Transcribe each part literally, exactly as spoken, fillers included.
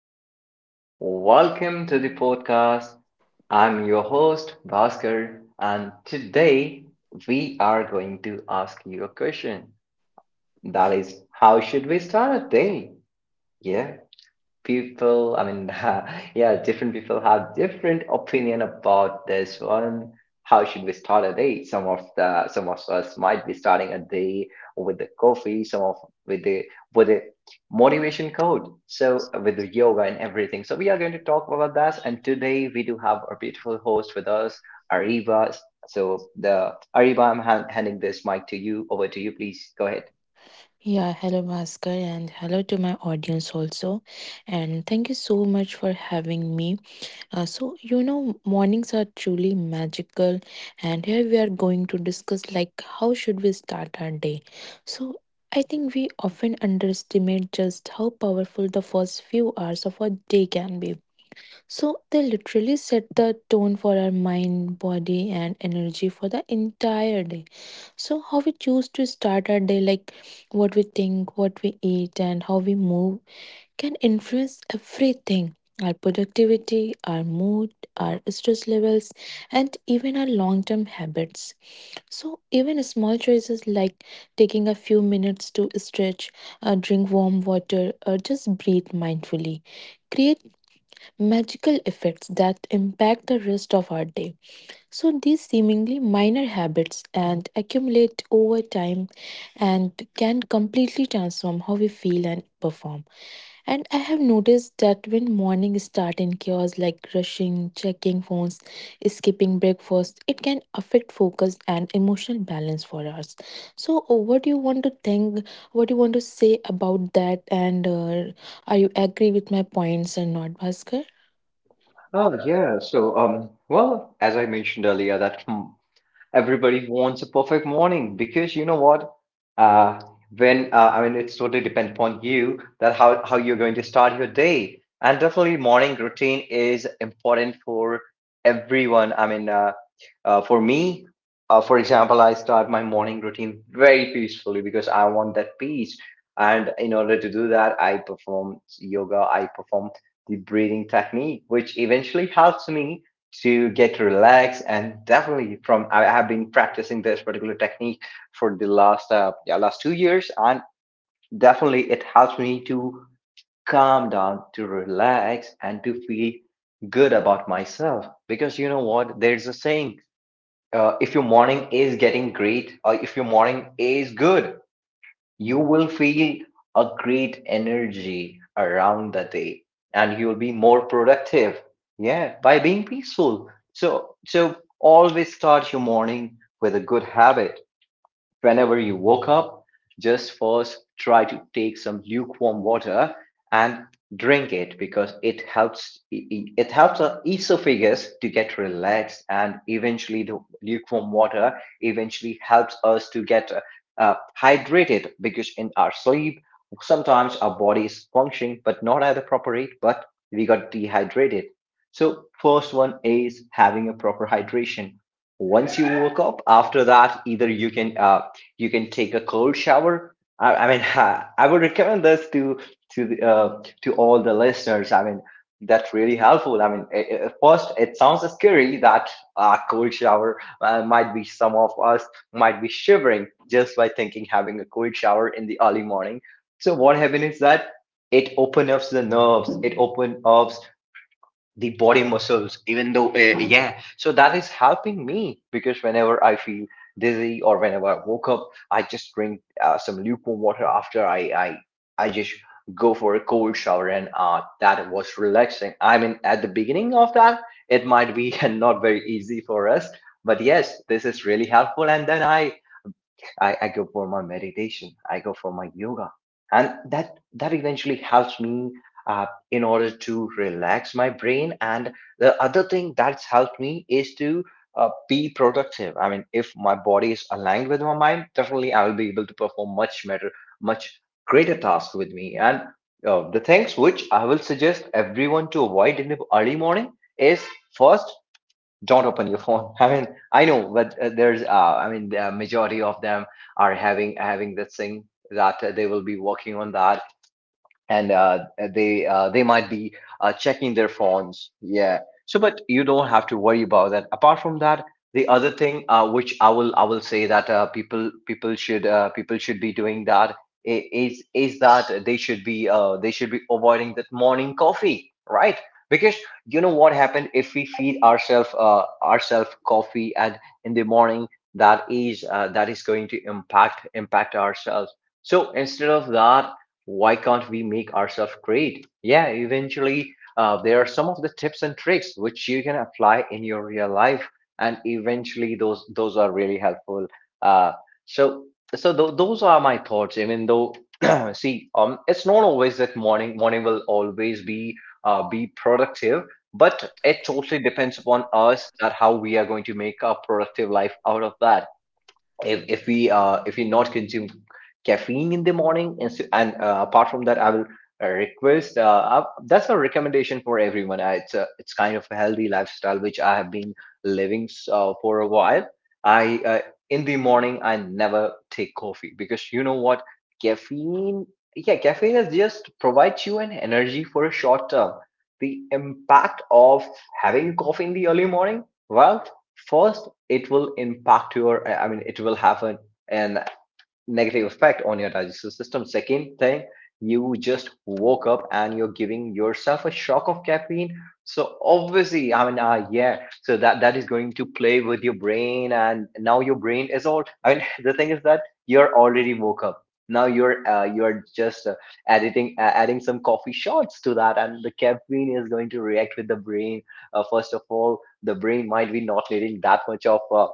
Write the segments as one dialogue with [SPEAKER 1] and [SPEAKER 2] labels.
[SPEAKER 1] everyone. Welcome to the podcast. I'm your host, Bhaskar, and today we are going to ask you a question. That is, how should we start a day? Yeah, people, I mean yeah different people have different opinion about this one. How should we start a day? Some of the some of us might be starting a day with the coffee, some of with the with the motivation code, so uh, with the yoga and everything. So we are going to talk about that, and today we do have our beautiful host with us, Ariba. So the Ariba, i'm hand, handing this mic to you over to you. Please go ahead.
[SPEAKER 2] Yeah, hello Bhaskar, and hello to my audience also. And thank you so much for having me. Uh, so, you know, mornings are truly magical, and here we are going to discuss like how should we start our day. So, I think we often underestimate just how powerful the first few hours of a day can be, so they literally set the tone for our mind, body, and energy for the entire day. So, how we choose to start our day, like what we think, what we eat, and how we move, can influence everything, our productivity, our mood, our stress levels, and even our long term habits. So, even small choices like taking a few minutes to stretch, uh, drink warm water, or just breathe mindfully create magical effects that impact the rest of our day. So, these seemingly minor habits and accumulate over time and can completely transform how we feel and perform. And I have noticed that when morning start in chaos like rushing, checking phones, skipping breakfast, it can affect focus and emotional balance for us. So, uh, what do you want to think? What do you want to say about that? And uh, are you agree with my points or not, Bhaskar?
[SPEAKER 1] Oh, yeah. So, um, well, as I mentioned earlier, that everybody wants a perfect morning, because you know what, uh, when uh, I mean, it's totally depend upon you that how, how you're going to start your day. And definitely morning routine is important for everyone. I mean uh, uh, for me, uh, for example, I start my morning routine very peacefully because I want that peace. And in order to do that, I perform yoga, I perform the breathing technique, which eventually helps me to get relaxed. And definitely from I have been practicing this particular technique for the last uh, yeah, last two years, and definitely it helps me to calm down, to relax, and to feel good about myself. Because you know what, there's a saying, uh, if your morning is getting great, or if your morning is good, you will feel a great energy around the day, and you'll be more productive. Yeah, by being peaceful. So so always start your morning with a good habit. Whenever you woke up, just first try to take some lukewarm water and drink it, because it helps it helps our esophagus to get relaxed. And eventually the lukewarm water eventually helps us to get uh, uh, hydrated, because in our sleep sometimes our body is functioning but not at the proper rate, but we got dehydrated. So first one is having a proper hydration. Once you woke up, after that, either you can uh, you can take a cold shower. I, I mean, ha, I would recommend this to to the, uh, to all the listeners. I mean, that's really helpful. I mean, i- i- at first it sounds scary that a cold shower uh, might be, some of us might be shivering just by thinking having a cold shower in the early morning. So what happened is that it opens up the nerves. It opens up the body muscles, even though, uh, yeah so that is helping me. Because whenever I feel dizzy or whenever I woke up, I just drink uh, some lukewarm water, after i i i just go for a cold shower. And uh, that was relaxing. I mean, at the beginning of that, it might be not very easy for us, but yes, this is really helpful. And then i I, I go for my meditation. I go for my yoga, and that that eventually helps me uh, in order to relax my brain. And the other thing that's helped me is to uh, be productive. I mean, if my body is aligned with my mind, definitely I will be able to perform much better, much greater task with me. And uh, the things which I will suggest everyone to avoid in the early morning is, first, don't open your phone. I mean, I know, but uh, there's uh, I mean, the majority of them are having having this thing, that uh, they will be working on that. And uh, they uh, they might be uh, checking their phones, yeah. So but you don't have to worry about that. Apart from that, the other thing uh, which i will i will say that uh, people people should uh, people should be doing that i- is is that they should be, uh, they should be avoiding that morning coffee, right? Because you know what happened, if we feed ourselves uh, ourselves coffee at in the morning, that is uh, that is going to impact impact ourselves. So instead of that, why can't we make ourselves great? Yeah, eventually, uh, there are some of the tips and tricks which you can apply in your real life, and eventually, those those are really helpful. Uh, so, so th- those are my thoughts. Even though, see, um, it's not always that morning. Morning will always be uh, be productive, but it totally depends upon us that how we are going to make a productive life out of that, if if we uh, if we not consume caffeine in the morning. And so, and uh, apart from that, I will uh, request uh, uh, that's a recommendation for everyone. Uh, it's a, it's kind of a healthy lifestyle which I have been living uh, for a while. I uh, In the morning, I never take coffee, because you know what, caffeine, yeah, caffeine is just provides you an energy for a short term. The impact of having coffee in the early morning, well, first, it will impact your, I mean, it will have an, an negative effect on your digestive system. Second thing, you just woke up and you're giving yourself a shock of caffeine. So obviously, I mean, uh, yeah so that that is going to play with your brain, and now your brain is all, I mean, the thing is that you're already woke up, now you're uh, you're just uh, editing uh, adding some coffee shots to that, and the caffeine is going to react with the brain. Uh, first of all, the brain might be not needing that much of uh,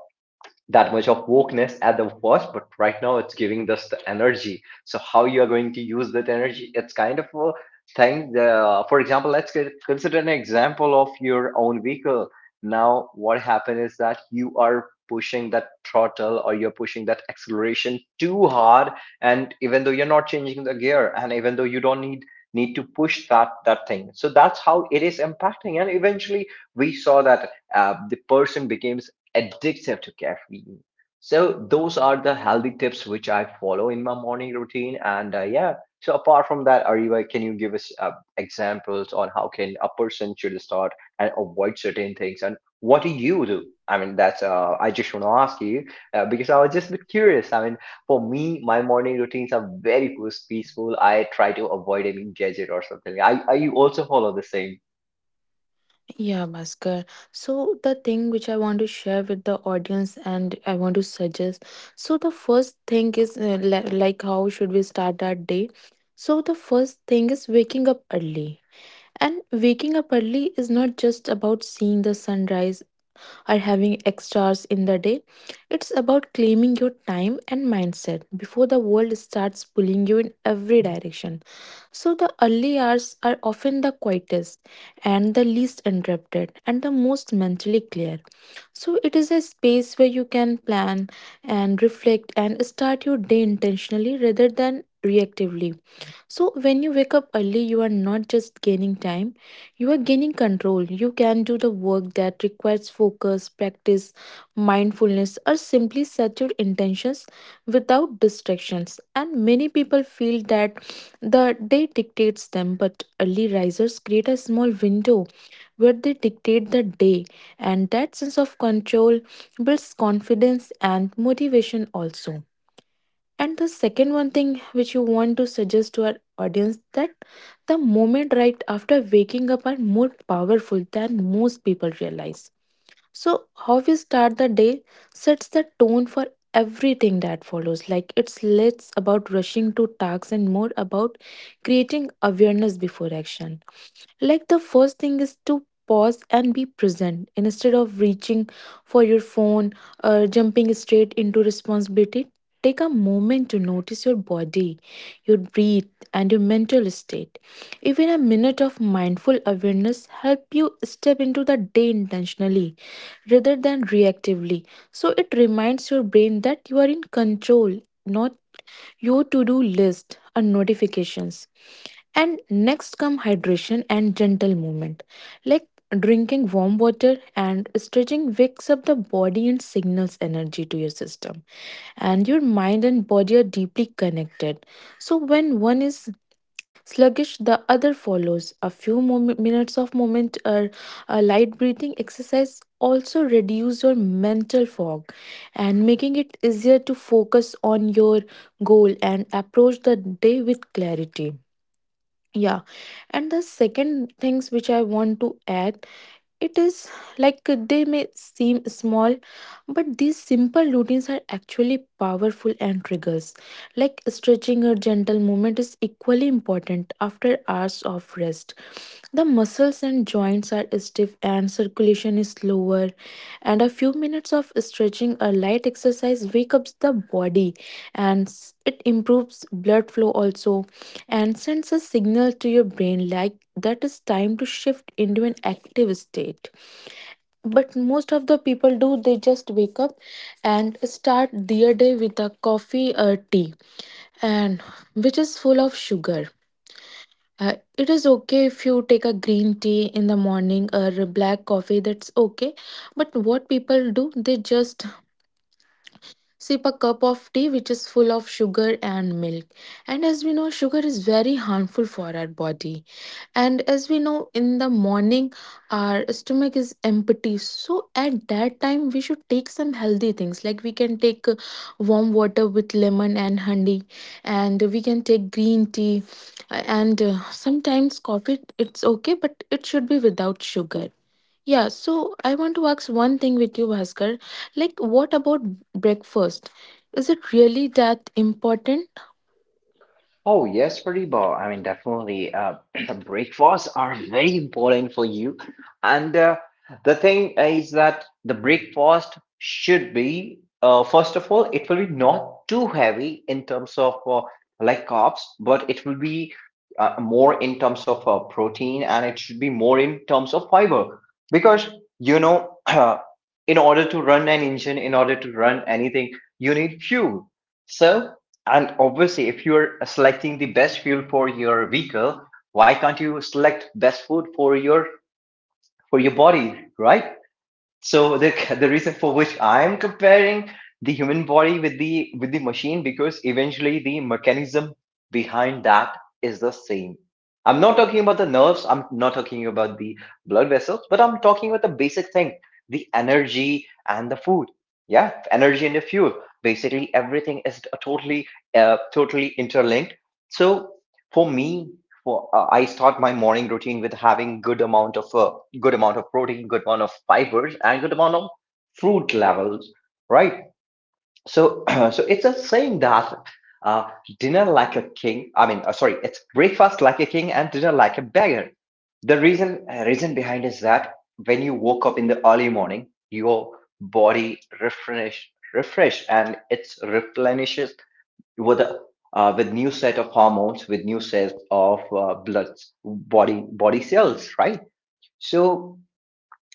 [SPEAKER 1] that much of wokeness at the first, but right now it's giving us the energy. So how you are going to use that energy? It's kind of a thing. The, for example, let's get, consider an example of your own vehicle. Now, what happened is that you are pushing that throttle, or you're pushing that acceleration too hard, and even though you're not changing the gear, and even though you don't need need to push that that thing. So that's how it is impacting, and eventually we saw that uh, the person becomes addictive to caffeine. So those are the healthy tips which I follow in my morning routine. And uh, yeah, so apart from that, Ariba, can you give us uh, examples on how can a person should start and avoid certain things? And what do you do? I mean, that's uh, I just want to ask you, uh, because I was just a bit curious. I mean, for me, my morning routines are very peaceful. I try to avoid any gadget or something. I, I you also follow the same.
[SPEAKER 3] Yeah, Bhaskar. So the thing which I want to share with the audience and I want to suggest. So the first thing is uh, li- like how should we start that day? So the first thing is waking up early. And waking up early is not just about seeing the sunrise or having extras in the day. It's about claiming your time and mindset before the world starts pulling you in every direction. So the early hours are often the quietest and the least interrupted and the most mentally clear. So it is a space where you can plan and reflect and start your day intentionally rather than reactively. So, when you wake up early, you are not just gaining time, you are gaining control. You can do the work that requires focus, practice, mindfulness, or simply set your intentions without distractions. And many people feel that the day dictates them, but early risers create a small window where they dictate the day, and that sense of control builds confidence and motivation also. And the second one thing which you want to suggest to our audience that the moment right after waking up are more powerful than most people realize. So how we start the day sets the tone for everything that follows. Like it's less about rushing to tasks and more about creating awareness before action. Like the first thing is to pause and be present instead of reaching for your phone or jumping straight into responsibility. Take a moment to notice your body, your breath, and your mental state. Even a minute of mindful awareness help you step into the day intentionally rather than reactively. So it reminds your brain that you are in control, not your to-do list or notifications, and next come hydration and gentle movement. Like drinking warm water and stretching wakes up the body and signals energy to your system. And your mind and body are deeply connected. So when one is sluggish, the other follows. A few mom- minutes of movement or a light breathing exercise also reduce your mental fog and making it easier to focus on your goal and approach the day with clarity. Yeah. And the second things which I want to add, it is, like, they may seem small, but these simple routines are actually powerful and triggers. Like stretching or gentle movement is equally important. After hours of rest, the muscles and joints are stiff and circulation is slower, and a few minutes of stretching or light exercise wake up the body, and s- it improves blood flow also and sends a signal to your brain like that is time to shift into an active state. But most of the people do, they just wake up and start their day with a coffee or tea, and which is full of sugar. Uh, it is okay if you take a green tea in the morning or a black coffee, that's okay. But what people do, they just sip a cup of tea which is full of sugar and milk. And as we know, sugar is very harmful for our body. And as we know, in the morning, our stomach is empty. So at that time, we should take some healthy things. Like we can take uh, warm water with lemon and honey, and we can take green tea. And uh, sometimes coffee, it's okay, but it should be without sugar. Yeah, so I want to ask one thing with you, Bhaskar. Like, what about breakfast? Is it really that important?
[SPEAKER 1] Oh, yes, Pratibha. I mean, definitely, uh, the breakfasts are very important for you. And uh, the thing is that the breakfast should be, uh, first of all, it will be not too heavy in terms of uh, like carbs, but it will be uh, more in terms of uh, protein, and it should be more in terms of fiber. Because, you know, in order to run an engine, in order to run anything, you need fuel. So, and obviously, if you're selecting the best fuel for your vehicle, why can't you select best food for your, for your body, right? So the the reason for which I'm comparing the human body with the, with the machine, because eventually the mechanism behind that is the same. I'm not talking about the nerves, I'm not talking about the blood vessels, but I'm talking about the basic thing, the energy and the food. Yeah, energy and the fuel. Basically, everything is totally uh, totally interlinked. So for me, for uh, I start my morning routine with having good amount of uh, good amount of protein, good amount of fibers, and good amount of fruit levels, right? So so it's a saying that uh, dinner like a king. I mean, uh, sorry, it's breakfast like a king and dinner like a beggar. The reason uh, reason behind is that when you woke up in the early morning, your body refresh refresh and it's replenishes with a uh, with new set of hormones, with new set of uh, blood, body body cells, right? So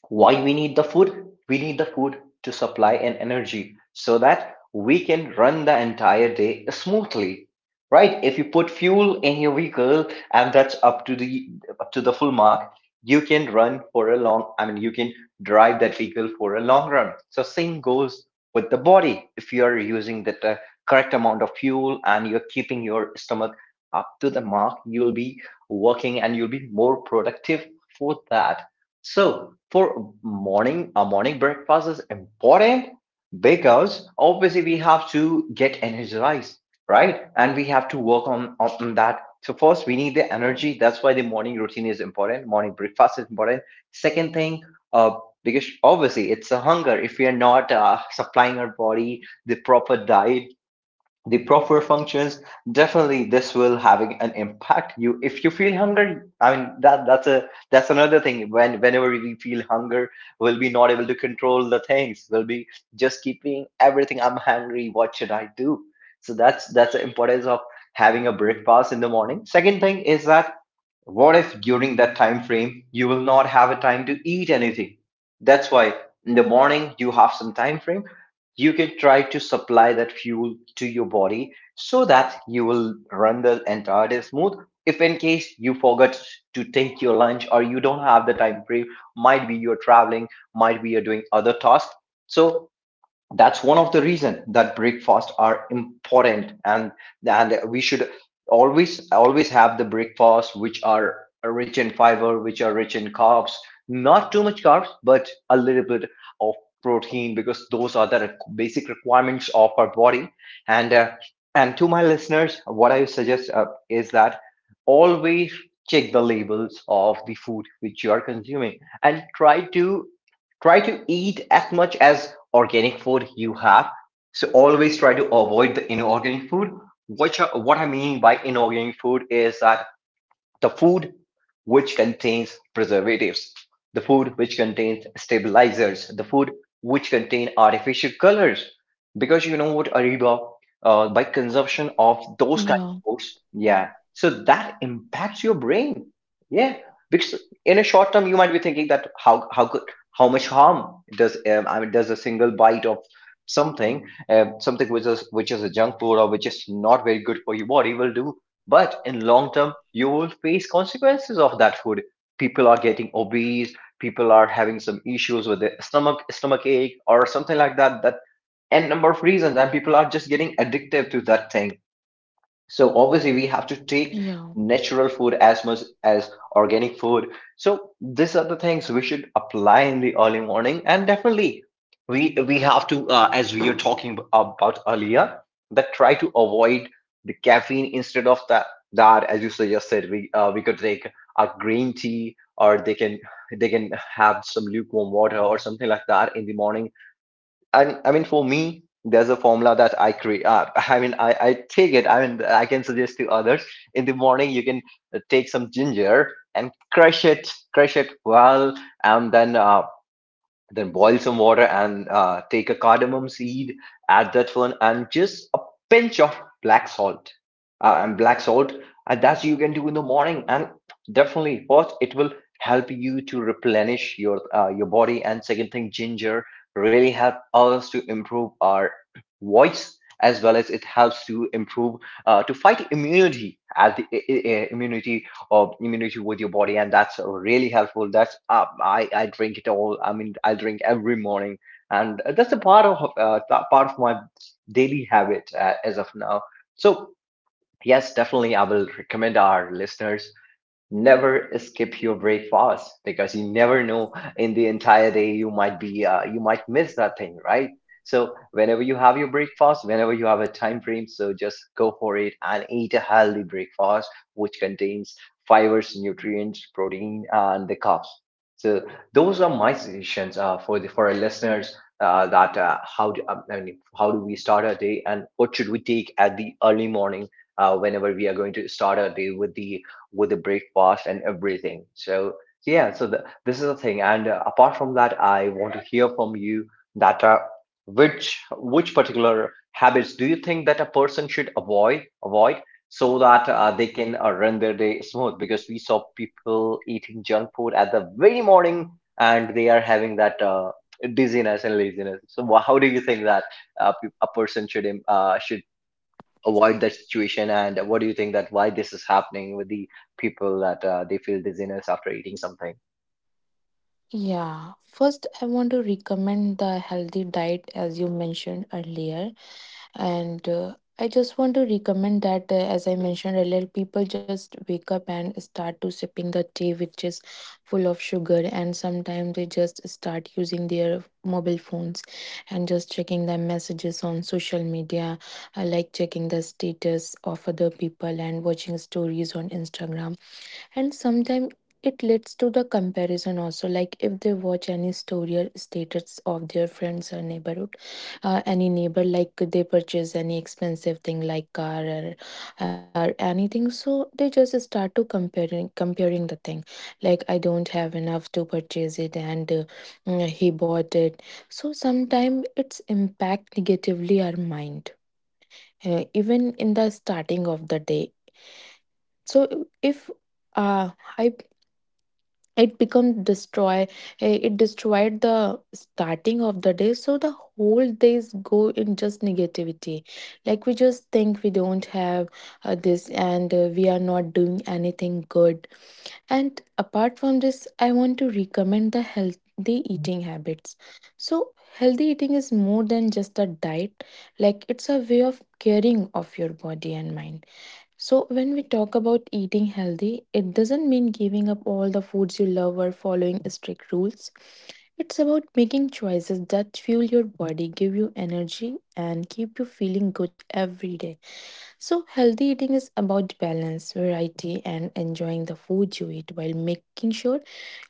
[SPEAKER 1] why we need the food? We need the food to supply an energy so that we can run the entire day smoothly, right? If you put fuel in your vehicle and that's up to the up to the full mark, you can run for a long, I mean, you can drive that vehicle for a long run. So same goes with the body. If you are using the uh, correct amount of fuel and you're keeping your stomach up to the mark, you'll be working and you'll be more productive for that. So for morning, a morning breakfast is important because obviously we have to get energized, right? And we have to work on, on that. So first we need the energy. That's why the morning routine is important. Morning breakfast is important. Second thing, uh, because obviously it's a hunger. If we are not uh, supplying our body the proper diet, the proper functions, definitely this will having an impact. You, if you feel hungry, I mean, that that's a that's another thing. When whenever we feel hunger, we'll be not able to control the things. We'll be just keeping everything, I'm hungry, what should I do? So that's that's the importance of having a breakfast in the morning. Second thing is that, what if during that time frame you will not have a time to eat anything? That's why in the morning you have some time frame. You can try to supply that fuel to your body so that you will run the entire day smooth. If in case you forgot to take your lunch or you don't have the time frame, might be you're traveling, might be you're doing other tasks. So that's one of the reason that breakfast are important. And and we should always always have the breakfast which are rich in fiber, which are rich in carbs, not too much carbs, but a little bit of protein, because those are the requ- basic requirements of our body. And uh, and to my listeners, what I suggest uh, is that always check the labels of the food which you are consuming, and try to try to eat as much as organic food you have. So always try to avoid the inorganic food. Which what I mean by inorganic food is that the food which contains preservatives, the food which contains stabilizers, the food which contain artificial colors. Because you know what, Ariba, uh, by consumption of those kind of
[SPEAKER 3] Yeah,
[SPEAKER 1] foods, yeah, so that impacts your brain. Yeah, because in a short term, you might be thinking that, how how could how much harm does um, I mean does a single bite of something, uh, something which is which is a junk food or which is not very good for your body, will do. But in long term you will face consequences of that food. People are getting obese. People are having some issues with their stomach stomach ache or something like that, that N number of reasons, and people are just getting addictive to that thing. So obviously we have to take
[SPEAKER 3] yeah.
[SPEAKER 1] natural food as much as organic food. So these are the things we should apply in the early morning, and definitely we we have to, uh, as we are talking about earlier, that try to avoid the caffeine. Instead of that, that as you suggested, we uh, we could take a green tea, or they can they can have some lukewarm water or something like that in the morning. I, I mean, for me, there's a formula that I create. Uh, I mean, I, I take it. I mean, I can suggest to others. In the morning, you can uh, take some ginger and crush it, crush it well, and then uh, then boil some water, and uh, take a cardamom seed, add that one, and just a pinch of black salt. Uh, and black salt, and that's you can do in the morning. And definitely, first, it will help you to replenish your uh, your body. And second thing, ginger really help us to improve our voice, as well as it helps to improve uh, to fight immunity as the i- immunity of immunity with your body, and that's really helpful. That's uh, I I drink it all. I mean, I drink every morning, and that's a part of uh, th- part of my daily habit uh, as of now. So yes, definitely, I will recommend our listeners, never skip your breakfast, because you never know, in the entire day you might be uh, you might miss that thing, right? So whenever you have your breakfast, whenever you have a time frame, so just go for it and eat a healthy breakfast which contains fibers, nutrients, protein, and the carbs. So those are my suggestions uh, for the for our listeners, uh, that uh, how do, um, I mean, how do we start our day, and what should we take at the early morning, uh, whenever we are going to start our day with the with the breakfast and everything. So, so yeah, so the, this is the thing. And uh, apart from that, I want to hear from you that uh, which which particular habits do you think that a person should avoid avoid, so that uh, they can uh, run their day smooth? Because we saw people eating junk food at the very morning, and they are having that uh, dizziness and laziness. So, wha- how do you think that uh, pe- a person should im- uh, should avoid that situation? And what do you think that why this is happening with the people that uh, they feel dizziness after eating something?
[SPEAKER 3] Yeah, first I want to recommend the healthy diet as you mentioned earlier. And uh, I just want to recommend that uh, as I mentioned earlier, people just wake up and start to sipping the tea which is full of sugar. And sometimes they just start using their mobile phones and just checking their messages on social media, uh, like checking the status of other people and watching stories on Instagram. And sometimes it leads to the comparison also, like if they watch any story or status of their friends or neighborhood, uh, any neighbor, like they purchase any expensive thing like car or, or anything, so they just start to comparing comparing the thing, like I don't have enough to purchase it, and uh, mm, he bought it. So sometimes it's impact negatively our mind, uh, even in the starting of the day. So if, uh, I it become destroy, eh, it destroyed the starting of the day, so the whole days go in just negativity. Like we just think we don't have uh, this, and uh, we are not doing anything good. And apart from this, I want to recommend the healthy eating habits. So healthy eating is more than just a diet. Like it's a way of caring of your body and mind. So, when we talk about eating healthy, it doesn't mean giving up all the foods you love or following strict rules. It's about making choices that fuel your body, give you energy, and keep you feeling good every day. So, healthy eating is about balance, variety, and enjoying the food you eat while making sure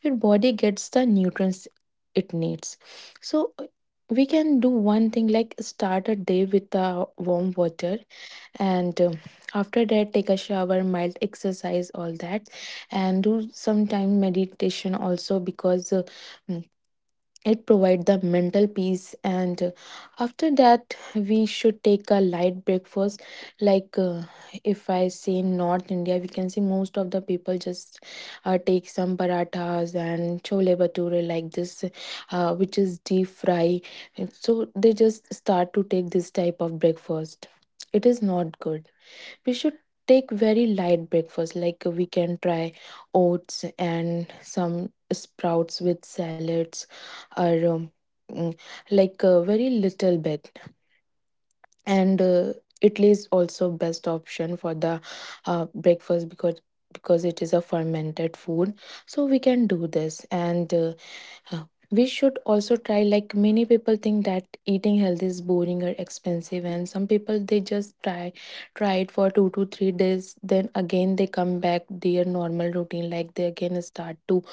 [SPEAKER 3] your body gets the nutrients it needs. So, we can do one thing like start a day with a warm water, and um, after that take a shower, mild exercise, all that, and do sometime meditation also, because uh, mm, it provide the mental peace. And uh, after that we should take a light breakfast, like uh, if I say North India, we can see most of the people just uh, take some parathas and chole bhature like this, uh, which is deep fry. And so they just start to take this type of breakfast. It is not good. We should take very light breakfast, like uh, we can try oats and some sprouts with salads, or um, mm, like a very little bit. And uh, Italy is also best option for the uh, breakfast, because because it is a fermented food. So we can do this. And uh, uh, we should also try, like many people think that eating healthy is boring or expensive, and some people they just try try it for two to three days, then again they come back their normal routine, like they again start to,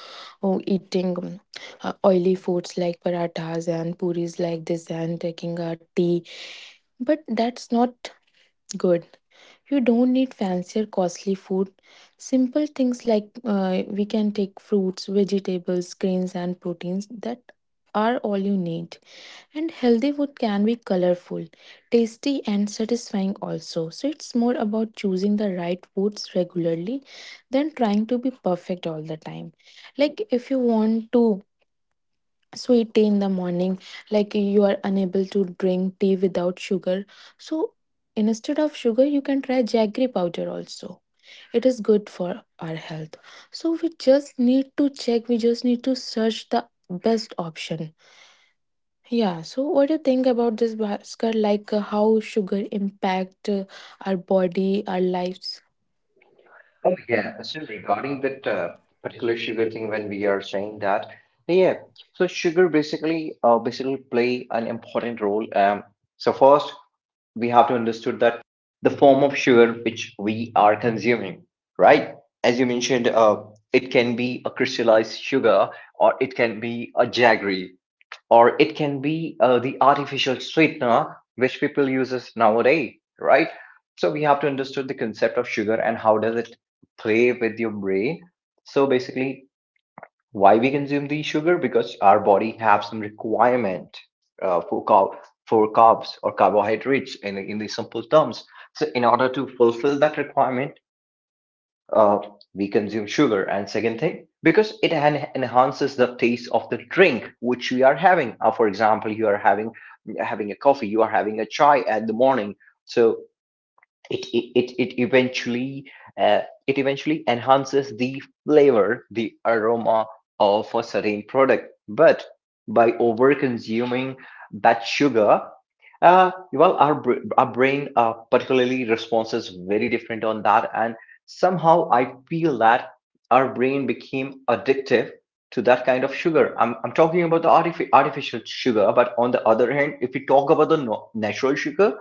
[SPEAKER 3] oh, eating, um, uh, oily foods like parathas and puris like this and taking a tea. But that's not good. You don't need fancy or costly food. Simple things like uh, we can take fruits, vegetables, grains, and proteins, that are all you need. And healthy food can be colorful, tasty, and satisfying also. So it's more about choosing the right foods regularly than trying to be perfect all the time. Like if you want to sweet tea in the morning, like you are unable to drink tea without sugar, so instead of sugar you can try jaggery powder also. It is good for our health. So we just need to check, we just need to search the best option. Yeah, so what do you think about this, Bhaskar, like uh, how sugar impact uh, our body, our lives?
[SPEAKER 1] Oh, yeah. So regarding that uh, particular sugar thing, when we are saying that, yeah, so sugar basically uh, basically play an important role. Um, so first we have to understood that the form of sugar which we are consuming, right? As you mentioned, uh, it can be a crystallized sugar, or it can be a jaggery, or it can be uh, the artificial sweetener which people uses nowadays, right? So we have to understand the concept of sugar and how does it play with your brain. So basically, why we consume the sugar? Because our body have some requirement uh, for carb for carbs, or carbohydrates in in the simple terms. So in order to fulfill that requirement, uh, we consume sugar. And second thing, because it en- enhances the taste of the drink which we are having. Uh, for example, you are having having a coffee, you are having a chai at the morning. So it it, it eventually uh, it eventually enhances the flavor, the aroma of a certain product. But by over consuming that sugar, uh, well our, br- our brain uh, particularly responses very different on that. And somehow I feel that our brain became addictive to that kind of sugar. I'm, I'm talking about the artifi- artificial sugar. But on the other hand, if we talk about the no- natural sugar,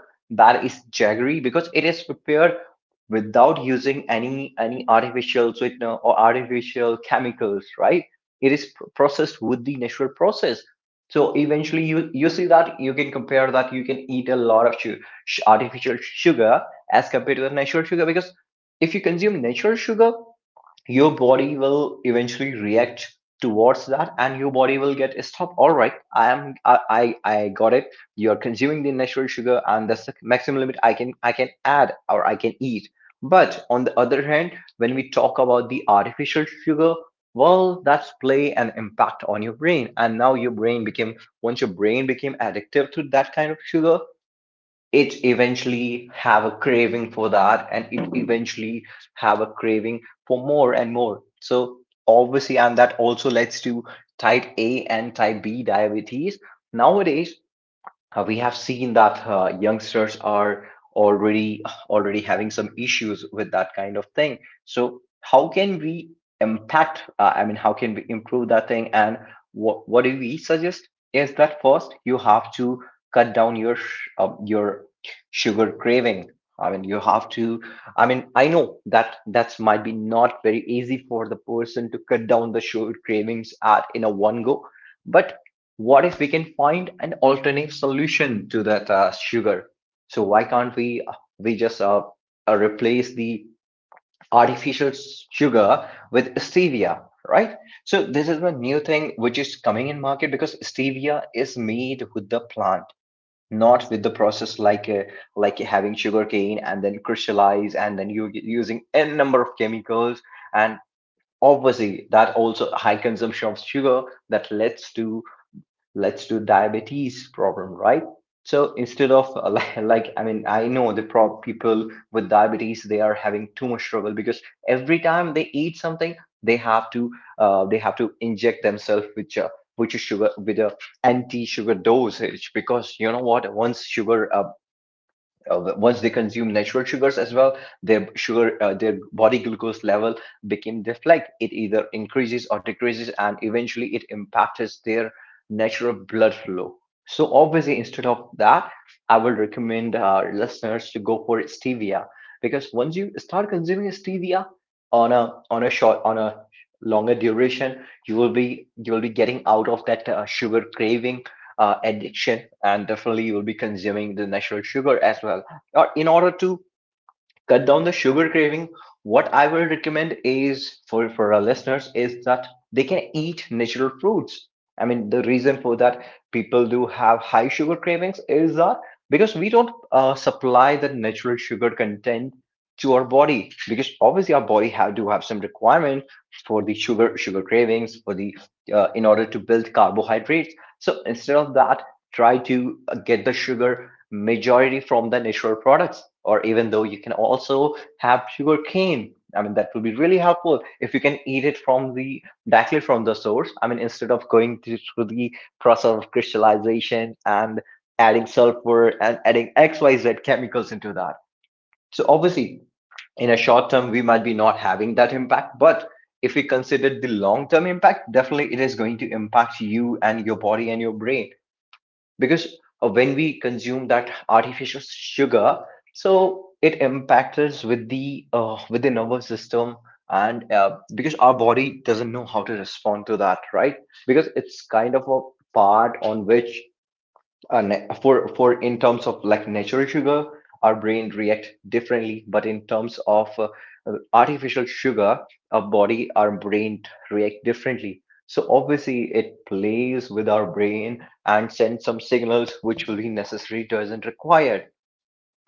[SPEAKER 1] that is jaggery, because it is prepared without using any any artificial sweetener or artificial chemicals, right? It is pr- processed with the natural process. So eventually you you see that you can compare, that you can eat a lot of su- sh- artificial sugar as compared to the natural sugar, because if you consume natural sugar, your body will eventually react towards that, and your body will get stop. All right, I am, i i, I got it, you are consuming the natural sugar and that's the maximum limit i can i can add or I can eat. But on the other hand, when we talk about the artificial sugar, well that's play an impact on your brain, and now your brain became, once your brain became addictive to that kind of sugar, it eventually have a craving for that, and it eventually have a craving for more and more. So obviously, and that also leads to type A and type B diabetes. Nowadays, uh, we have seen that uh, youngsters are already already having some issues with that kind of thing. So how can we impact? Uh, I mean, how can we improve that thing? And what what do we suggest? Is that first you have to cut down your sh- uh, your sugar craving. I mean, you have to. I mean, I know that that's might be not very easy for the person to cut down the sugar cravings at in a one go, but what if we can find an alternative solution to that uh, sugar. So why can't we uh, we just uh, uh, replace the artificial sugar with stevia, right? So this is a new thing which is coming in market, because stevia is made with the plant, not with the process like uh, like having sugar cane and then crystallize and then you using n number of chemicals. And obviously that also high consumption of sugar, that leads to, let's do, diabetes problem, right? So instead of uh, like, like I mean, I know the pro- people with diabetes, they are having too much trouble, because every time they eat something they have to, uh, they have to inject themselves with a, with a sugar, with a anti sugar dosage. Because you know what, once sugar uh, uh, once they consume natural sugars as well, their sugar uh, their body glucose level became this, like, it either increases or decreases, and eventually it impacts their natural blood flow. So obviously instead of that, I would recommend our listeners to go for stevia, because once you start consuming stevia on a on a short on a longer duration, you will be you will be getting out of that uh, sugar craving uh, addiction, and definitely you will be consuming the natural sugar as well uh, in order to cut down the sugar craving. What I will recommend is for for our listeners is that they can eat natural fruits. I mean, the reason for that people do have high sugar cravings is that because we don't uh, supply the natural sugar content to our body, because obviously our body have do have some requirement for the sugar sugar cravings, for the uh, in order to build carbohydrates. So instead of that, try to uh, get the sugar majority from the natural products, or even though you can also have sugar cane. I mean, that would be really helpful if you can eat it from the, directly from the source. I mean, instead of going to- through the process of crystallization and adding sulfur and adding xyz chemicals into that. So obviously in a short term we might be not having that impact, but if we consider the long term impact, definitely it is going to impact you and your body and your brain. Because uh, when we consume that artificial sugar, so it impacts us with the uh, with the nervous system. And uh, because our body doesn't know how to respond to that, right? Because it's kind of a part on which uh, na- for for in terms of like natural sugar, our brain react differently. But in terms of uh, artificial sugar, our body our brain react differently. So obviously it plays with our brain and sends some signals which will be necessary, doesn't require.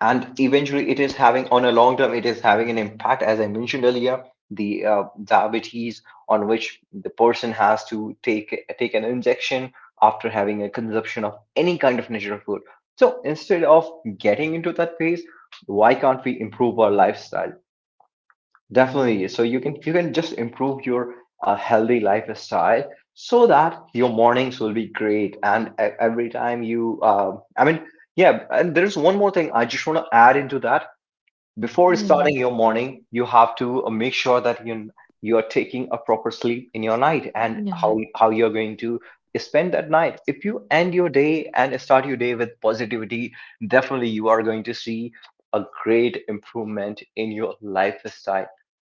[SPEAKER 1] And eventually it is having, on a long term it is having an impact, as I mentioned earlier, the uh, diabetes, on which the person has to take take an injection after having a consumption of any kind of natural food. So instead of getting into that phase, why can't we improve our lifestyle? Definitely. So you can, you can just improve your uh, healthy lifestyle, so that your mornings will be great. And e- every time you uh, I mean, yeah, and there's one more thing I just want to add into that. Before
[SPEAKER 3] Yeah,
[SPEAKER 1] starting your morning, you have to uh, make sure that you you are taking a proper sleep in your night, and
[SPEAKER 3] yeah,
[SPEAKER 1] how how you're going to spend that night. If you end your day and start your day with positivity, definitely you are going to see a great improvement in your lifestyle.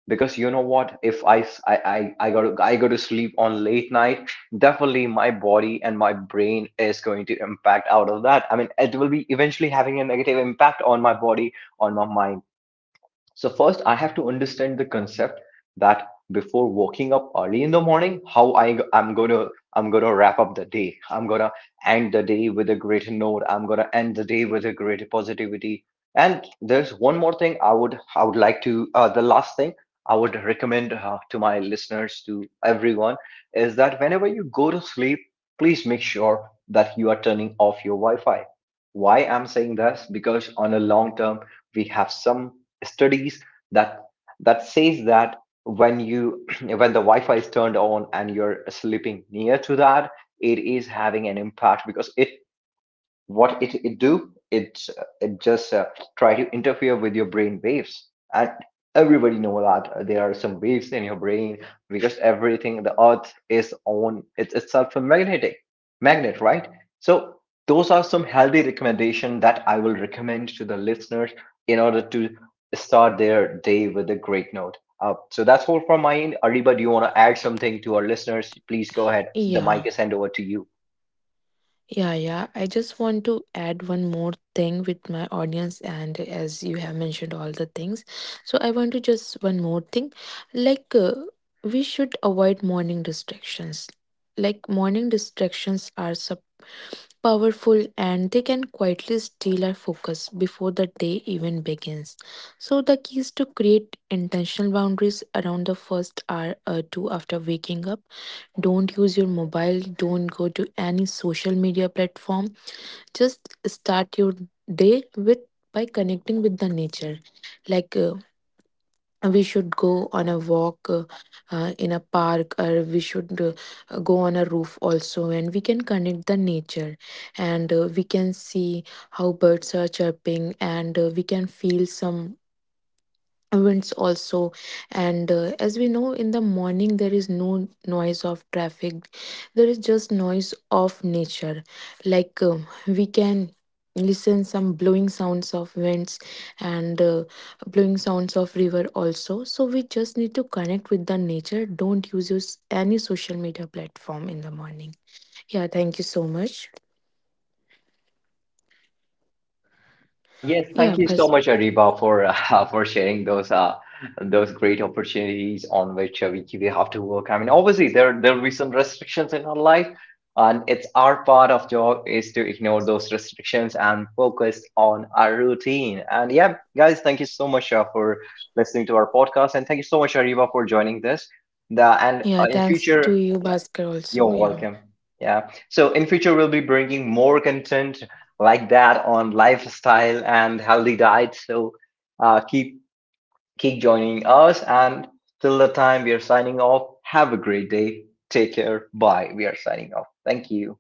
[SPEAKER 1] Because you know what, if I s- I I, I go to I go to sleep on late night, definitely my body and my brain is going to impact out of that. I mean, it will be eventually having a negative impact on my body, on my mind. So first, I have to understand the concept that before waking up early in the morning, how I I'm gonna, I'm gonna wrap up the day. I'm gonna end the day with a greater note. I'm gonna end the day with a greater positivity. And there's one more thing I would I would like to, uh, the last thing I would recommend uh, to my listeners, to everyone, is that whenever you go to sleep, please make sure that you are turning off your Wi-Fi. Why I'm saying this, because on a long term we have some studies that, that says that when you when the Wi-Fi is turned on and you're sleeping near to that, it is having an impact. Because it what it, it do it uh, it just uh, try to interfere with your brain waves. And everybody know that uh, there are some waves in your brain, because everything, the earth is on it's itself a magnetic magnet, right? So those are some healthy recommendation that I will recommend to the listeners in order to start their day with a great note. Uh, so that's all from my end. Ariba, do you want to add something to our listeners? Please go ahead, the mic
[SPEAKER 3] yeah.
[SPEAKER 1] is hand over to you.
[SPEAKER 3] Yeah, yeah. I just want to add one more thing with my audience, and as you have mentioned all the things, so I want to just one more thing. Like, uh, we should avoid morning distractions. Like, morning distractions are so powerful and they can quietly steal our focus before the day even begins. So, the key is to create intentional boundaries around the first hour or two after waking up. Don't use your mobile, don't go to any social media platform, just start your day with by connecting with the nature. Like uh, we should go on a walk, uh, uh, in a park, or we should uh, go on a roof also, and we can connect the nature. And uh, we can see how birds are chirping, and uh, we can feel some winds also. And uh, as we know, in the morning there is no noise of traffic, there is just noise of nature. Like um, we can listen some blowing sounds of winds and uh, blowing sounds of river also. So we just need to connect with the nature. Don't use your, s- any social media platform in the morning. Yeah, thank you so much.
[SPEAKER 1] Uh, yes,
[SPEAKER 3] Yeah,
[SPEAKER 1] thank you so
[SPEAKER 3] but
[SPEAKER 1] much, Ariba, for uh, for sharing those uh those great opportunities on which uh, we we have to work. I mean, obviously there there will be some restrictions in our life, and it's our part of job is to ignore those restrictions and focus on our routine. And yeah, guys, thank you so much uh, for listening to our podcast, and thank you so much, Ariba, for joining this. The and
[SPEAKER 3] yeah,
[SPEAKER 1] uh, in
[SPEAKER 3] thanks to
[SPEAKER 1] future.
[SPEAKER 3] you, Bhaskar, also.
[SPEAKER 1] You're
[SPEAKER 3] Yeah.
[SPEAKER 1] welcome. Yeah. So in future we'll be bringing more content like that on lifestyle and healthy diet. So uh, keep keep joining us. And till the time we are signing off, have a great day. Take care. Bye. We are signing off. Thank you.